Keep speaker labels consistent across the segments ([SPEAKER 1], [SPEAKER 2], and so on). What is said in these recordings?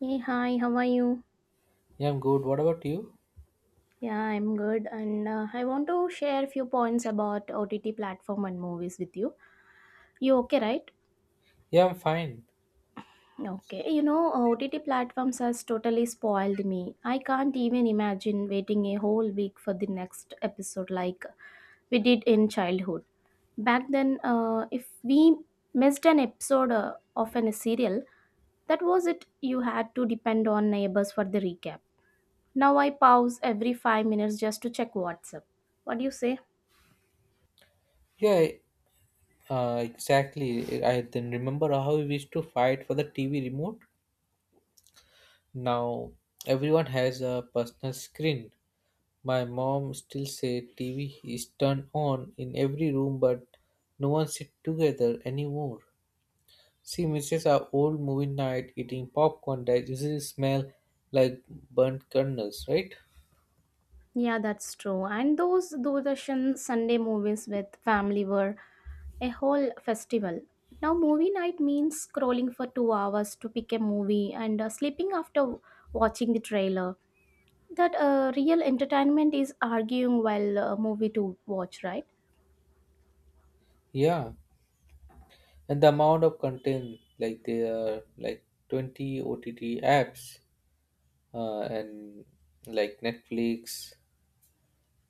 [SPEAKER 1] Hey, hi, how are you?
[SPEAKER 2] Yeah, I'm good. What about you?
[SPEAKER 1] Yeah, I'm good, and I want to share a few points about OTT platform and movies with you. You okay, right?
[SPEAKER 2] Yeah, I'm fine.
[SPEAKER 1] Okay, you know, OTT platforms has totally spoiled me. I can't even imagine waiting a whole week for the next episode like we did in childhood. Back then, if we missed an episode of an serial, that was it. You had to depend on neighbors for the recap. Now I pause every 5 minutes just to check WhatsApp. What do you say?
[SPEAKER 2] Yeah, exactly. I then remember how we used to fight for the TV remote. Now everyone has a personal screen. My mom still says TV is turned on in every room, but no one sit together anymore. She misses our old movie night eating popcorn that usually smell like burnt kernels, right?
[SPEAKER 1] Yeah, that's true. And those Doordarshan Sunday movies with family were a whole festival. Now, movie night means scrolling for 2 hours to pick a movie and sleeping after watching the trailer. That real entertainment is arguing while movie to watch, right?
[SPEAKER 2] Yeah. And the amount of content, like there are like 20 ott apps and like netflix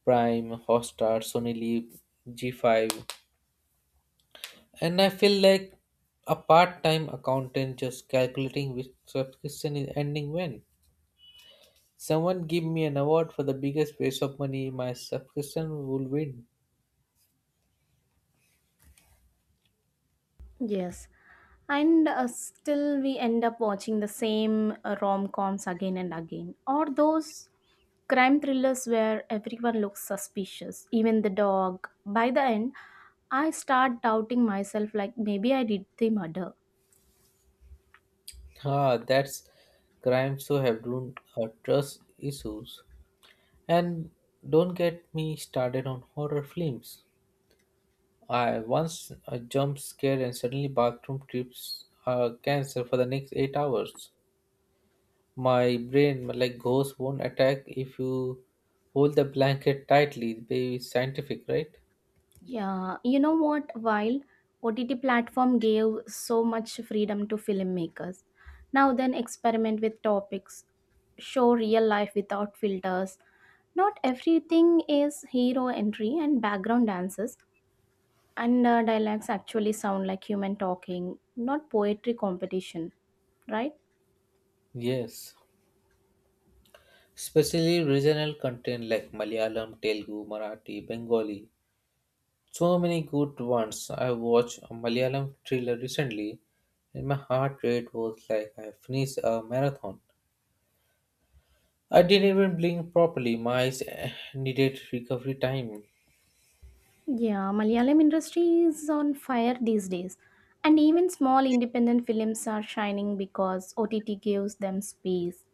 [SPEAKER 2] prime hotstar sony Live, G5, and I feel like a part-time accountant just calculating which subscription is ending. When someone give me an award for the biggest waste of money, my subscription will win.
[SPEAKER 1] Yes. And still, we end up watching the same rom coms again and again, or those crime thrillers where everyone looks suspicious, even the dog. By the end, I start doubting myself like maybe I did the murder.
[SPEAKER 2] Ah, that's crimes who have ruined our trust issues. And don't get me started on horror films. I once a jump scare and suddenly bathroom trips cancer for the next 8 hours. My brain, like ghosts, won't attack if you hold the blanket tightly. They scientific, right?
[SPEAKER 1] Yeah, you know what? While OTT platform gave so much freedom to filmmakers, now then experiment with topics, show real life without filters. Not everything is hero entry and background dances and dialects actually sound like human talking, not poetry competition, right?
[SPEAKER 2] Yes. Especially regional content like Malayalam, Telugu, Marathi, Bengali. So many good ones. I watched a Malayalam thriller recently, and my heart rate was like I finished a marathon. I didn't even blink properly. My eyes needed recovery time.
[SPEAKER 1] Yeah, Malayalam industry is on fire these days. And even small independent films are shining because OTT gives them space.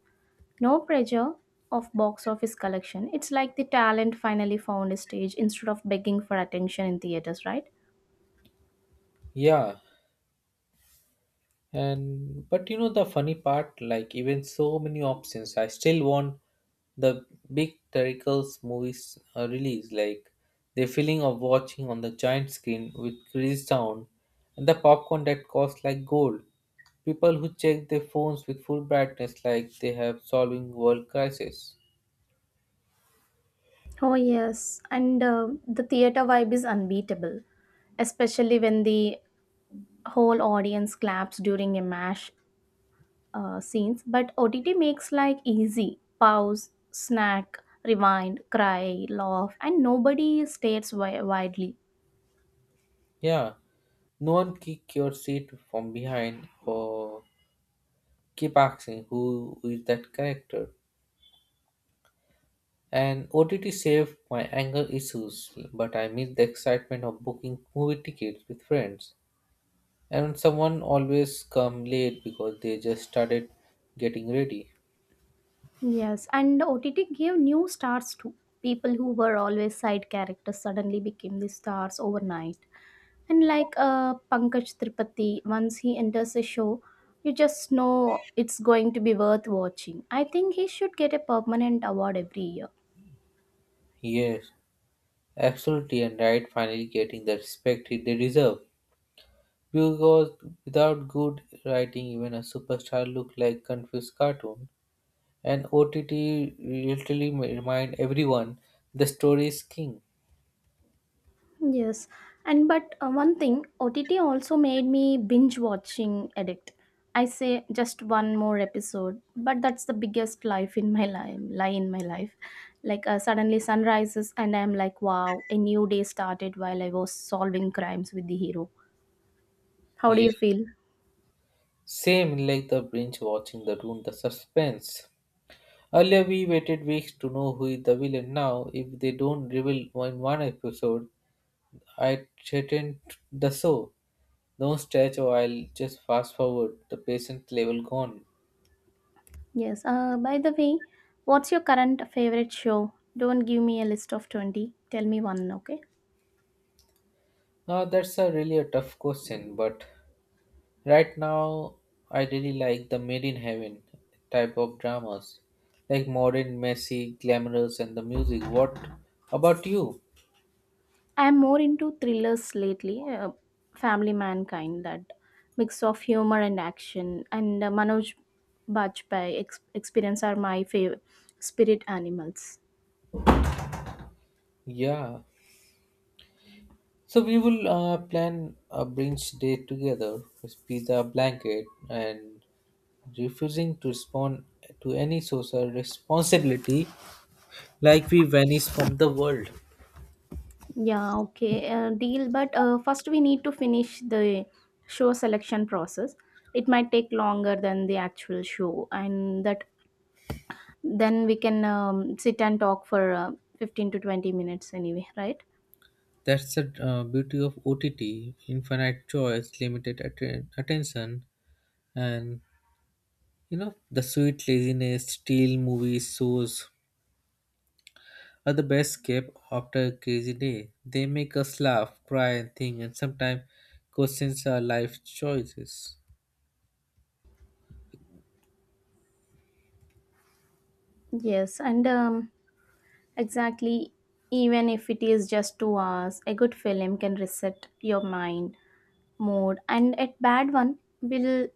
[SPEAKER 1] No pressure of box office collection. It's like the talent finally found a stage instead of begging for attention in theaters, right?
[SPEAKER 2] Yeah, and but you know the funny part, like even so many options, I still want the big Terracles movies release. Like the feeling of watching on the giant screen with crazy sound and the popcorn that costs like gold. People who check their phones with full brightness, like they have solving world crisis.
[SPEAKER 1] Oh, yes. And the theater vibe is unbeatable, especially when the whole audience claps during a mash scenes. But OTT makes like easy pause, snack, rewind, cry, laugh, and nobody stares widely.
[SPEAKER 2] Yeah, no one kick your seat from behind or keep asking who is that character. And OTT saved my anger issues, but I miss the excitement of booking movie tickets with friends. And someone always come late because they just started getting ready.
[SPEAKER 1] Yes, and OTT gave new stars to people who were always side characters suddenly became the stars overnight. And like Pankaj Tripathi, once he enters a show, you just know it's going to be worth watching. I think he should get a permanent award every year.
[SPEAKER 2] Yes, absolutely, and right finally getting the respect they deserve. Because without good writing, even a superstar look like confused cartoon. And OTT literally remind everyone the story is king.
[SPEAKER 1] Yes, and but one thing, OTT also made me binge watching addict. I say just one more episode, but that's the biggest life in my life. Lie in my life, like suddenly sun rises and I'm like, wow, a new day started while I was solving crimes with the hero. How do
[SPEAKER 2] Yes.
[SPEAKER 1] you feel?
[SPEAKER 2] Same like the binge watching the room, the suspense. Earlier we waited weeks to know who is the villain. Now, if they don't reveal in one episode, I threaten the show. Don't stretch or I'll just fast forward. The patient level gone.
[SPEAKER 1] Yes. By the way, what's your current favorite show? Don't give me a list of 20. Tell me one, okay?
[SPEAKER 2] Now that's a really a tough question, but right now I really like the Made in Heaven type of dramas. Like modern, messy, glamorous and the music. What about you?
[SPEAKER 1] I'm more into thrillers lately, Family Mankind, that mix of humor and action, and Manoj Bajpayee experience are my favorite spirit animals.
[SPEAKER 2] Yeah. So we will plan a brunch date together with pizza, blanket, and refusing to respond to any social responsibility, like we vanish from the world.
[SPEAKER 1] Yeah, okay, deal. But first, we need to finish the show selection process. It might take longer than the actual show, and that then we can sit and talk for 15 to 20 minutes anyway, right?
[SPEAKER 2] That's the beauty of OTT: infinite choice, limited attention, and you know the sweet laziness. Steel movies, shows are the best escape after a crazy day. They make us laugh, cry, and think, and sometimes questions our life choices.
[SPEAKER 1] Yes, and exactly, Even if it is just 2 hours, a good film can reset your mind, mood, and a bad one will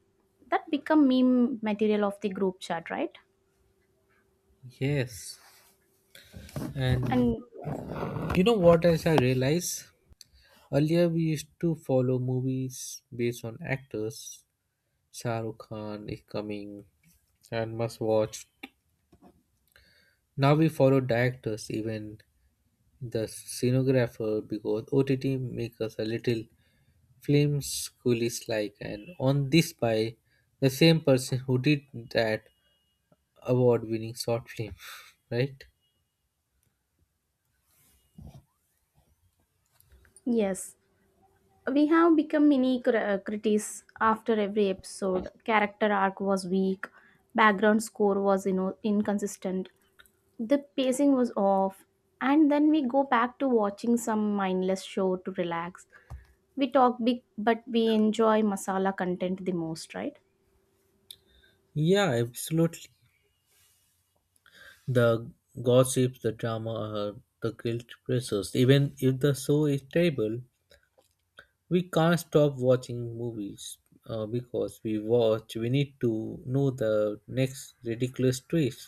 [SPEAKER 1] that become meme material of the group chat, right?
[SPEAKER 2] Yes, and
[SPEAKER 1] And
[SPEAKER 2] you know what else I realize? Earlier we used to follow movies based on actors, Shah Rukh Khan, Incoming, and Must Watch. Now we follow directors, even the scenographer, because OTT make us a little film schoolish like, and on this by the same person who did that award-winning short film, right?
[SPEAKER 1] yes, we have become mini critics after every episode. Character arc was weak, background score was you know inconsistent, the pacing was off, and then we go back to watching some mindless show to relax. We talk big but we enjoy masala content the most, right?
[SPEAKER 2] Yeah, absolutely. The gossip, the drama, the guilt pressures. Even if the show is terrible, we can't stop watching movies because we watch. We need to know the next ridiculous twist.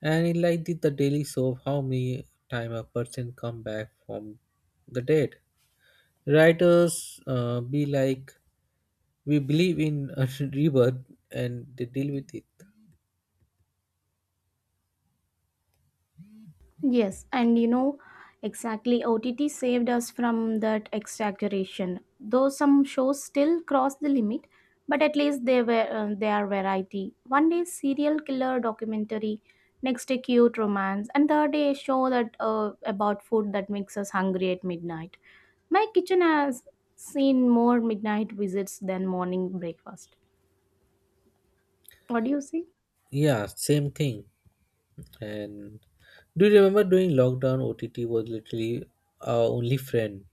[SPEAKER 2] And it like the daily show, how many time a person come back from the dead. Writers be like, we believe in a rebirth and they deal with it.
[SPEAKER 1] Yes, and you know exactly OTT saved us from that exaggeration though some shows still cross the limit, but at least they were they are variety one day serial killer documentary, next day cute romance, and third day a show that about food that makes us hungry at midnight. My kitchen has seen more midnight visits than morning breakfast. What do you say?
[SPEAKER 2] Yeah, same thing. And do you remember during lockdown, OTT was literally our only friend.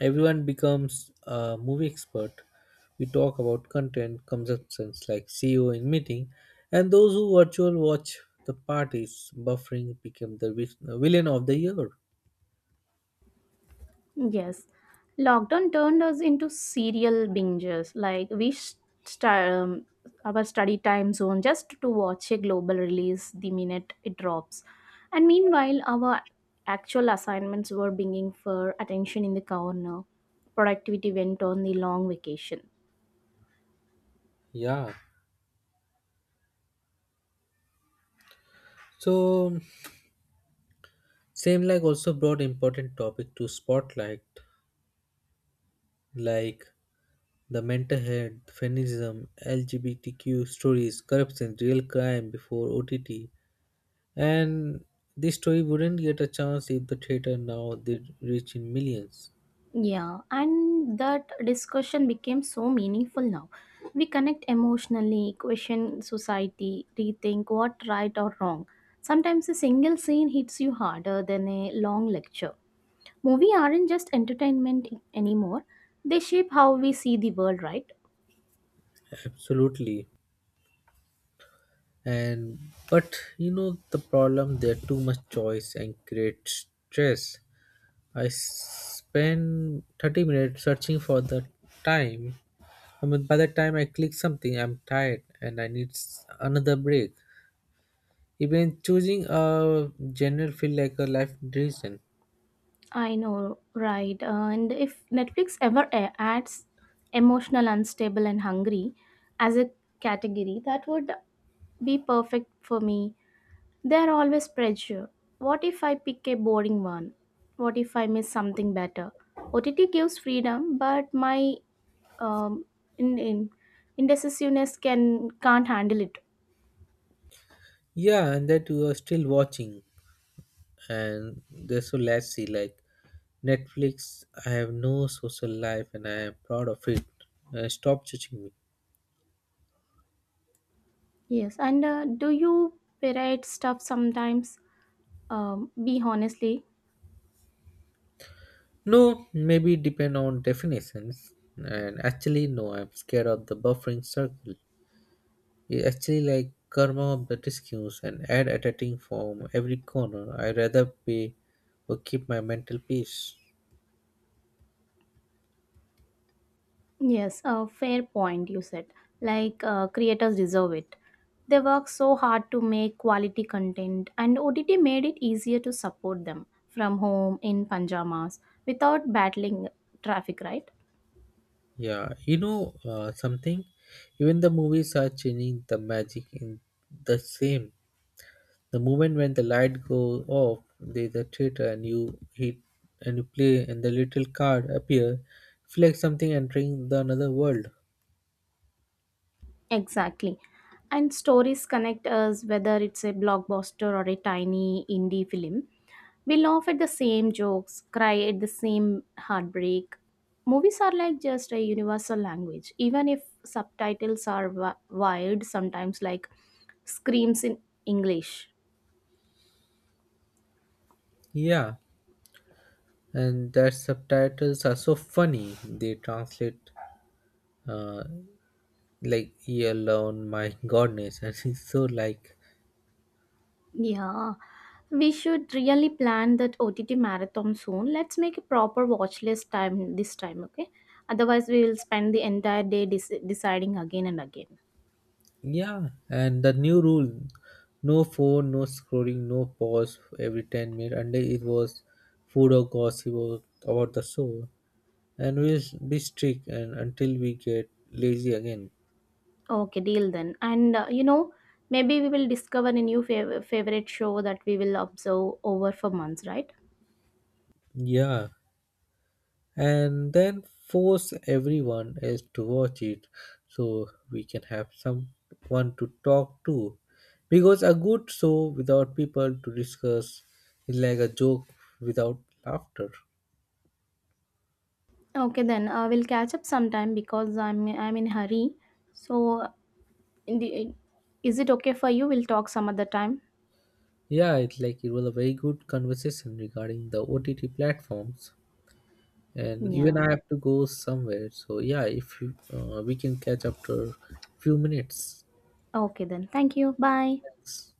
[SPEAKER 2] Everyone becomes a movie expert. We talk about content consumptions like CEO in meeting, and those who virtual watch the parties buffering became the villain of the year.
[SPEAKER 1] Yes, lockdown turned us into serial bingers. Um, our study time zone just to watch a global release the minute it drops, and meanwhile our actual assignments were being for attention in the corner. Productivity went on the long vacation.
[SPEAKER 2] Yeah. So same like also brought important topic to spotlight, like the mental health, feminism, LGBTQ stories, corruption, real crime before OTT. And this story wouldn't get a chance if the theater now did reach in millions.
[SPEAKER 1] Yeah, and that discussion became so meaningful now. We connect emotionally, question society, rethink what right or wrong. Sometimes a single scene hits you harder than a long lecture. Movies aren't just entertainment anymore, they shape how we see the world, right?
[SPEAKER 2] Absolutely. And but you know the problem, there are too much choice and create stress. I spend 30 minutes searching for the time. I mean, by the time I click something, I'm tired and I need another break. Even choosing a genre feel like a life decision.
[SPEAKER 1] I know, right. And if Netflix ever adds emotional, unstable, and hungry as a category, that would be perfect for me. There are always pressure. What if I pick a boring one? What if I miss something better? OTT gives freedom, but my um, in indecisiveness can't handle it.
[SPEAKER 2] Yeah, and that you are still watching. And there's so, let's see, like netflix, I have no social life and I am proud of it. Stop judging me.
[SPEAKER 1] Yes, and do you pirate stuff sometimes? Be honestly.
[SPEAKER 2] No, maybe depend on definitions, and actually no, I'm scared of the buffering circle. It actually like karma of the discuss and ad attacking from every corner. I rather pay or keep my mental peace.
[SPEAKER 1] Yes, a fair point you said. Like creators deserve it. They work so hard to make quality content, and OTT made it easier to support them from home in pajamas without battling traffic, right?
[SPEAKER 2] Yeah, you know, something, even the movies are changing the magic in the same. The moment when the light goes off, there's a theater and you hit and you play and the little card appear, feel like something entering the another world.
[SPEAKER 1] Exactly. And stories connect us whether it's a blockbuster or a tiny indie film. We laugh at the same jokes, cry at the same heartbreak. Movies are like just a universal language, even if subtitles are wired, sometimes like screams in English.
[SPEAKER 2] Yeah, and that subtitles are so funny. They translate uh, like "ye alone, my goodness," and it's so like
[SPEAKER 1] Yeah, we should really plan that OTT marathon soon. Let's make a proper watch list time this time, okay? Otherwise, we will spend the entire day deciding again and again.
[SPEAKER 2] yeah. And the new rule: no phone, no scrolling, no pause every 10 minutes. And it was food or gossip or- about the show. And we'll be strict and until we get lazy again.
[SPEAKER 1] Okay, deal then. And you know, maybe we will discover a new favorite show that we will observe over for months, right?
[SPEAKER 2] Yeah, and then force everyone else to watch it so we can have someone to talk to. Because a good show without people to discuss is like a joke without laughter.
[SPEAKER 1] Okay, then we'll catch up sometime because I'm in hurry. So, in the, is it okay for you? We'll talk some other time.
[SPEAKER 2] Yeah, it's like it was a very good conversation regarding the OTT platforms. And even
[SPEAKER 1] Yeah.
[SPEAKER 2] I have to go somewhere. So yeah, if you, we can catch after few minutes.
[SPEAKER 1] Okay then. Thank you. Bye.
[SPEAKER 2] Thanks.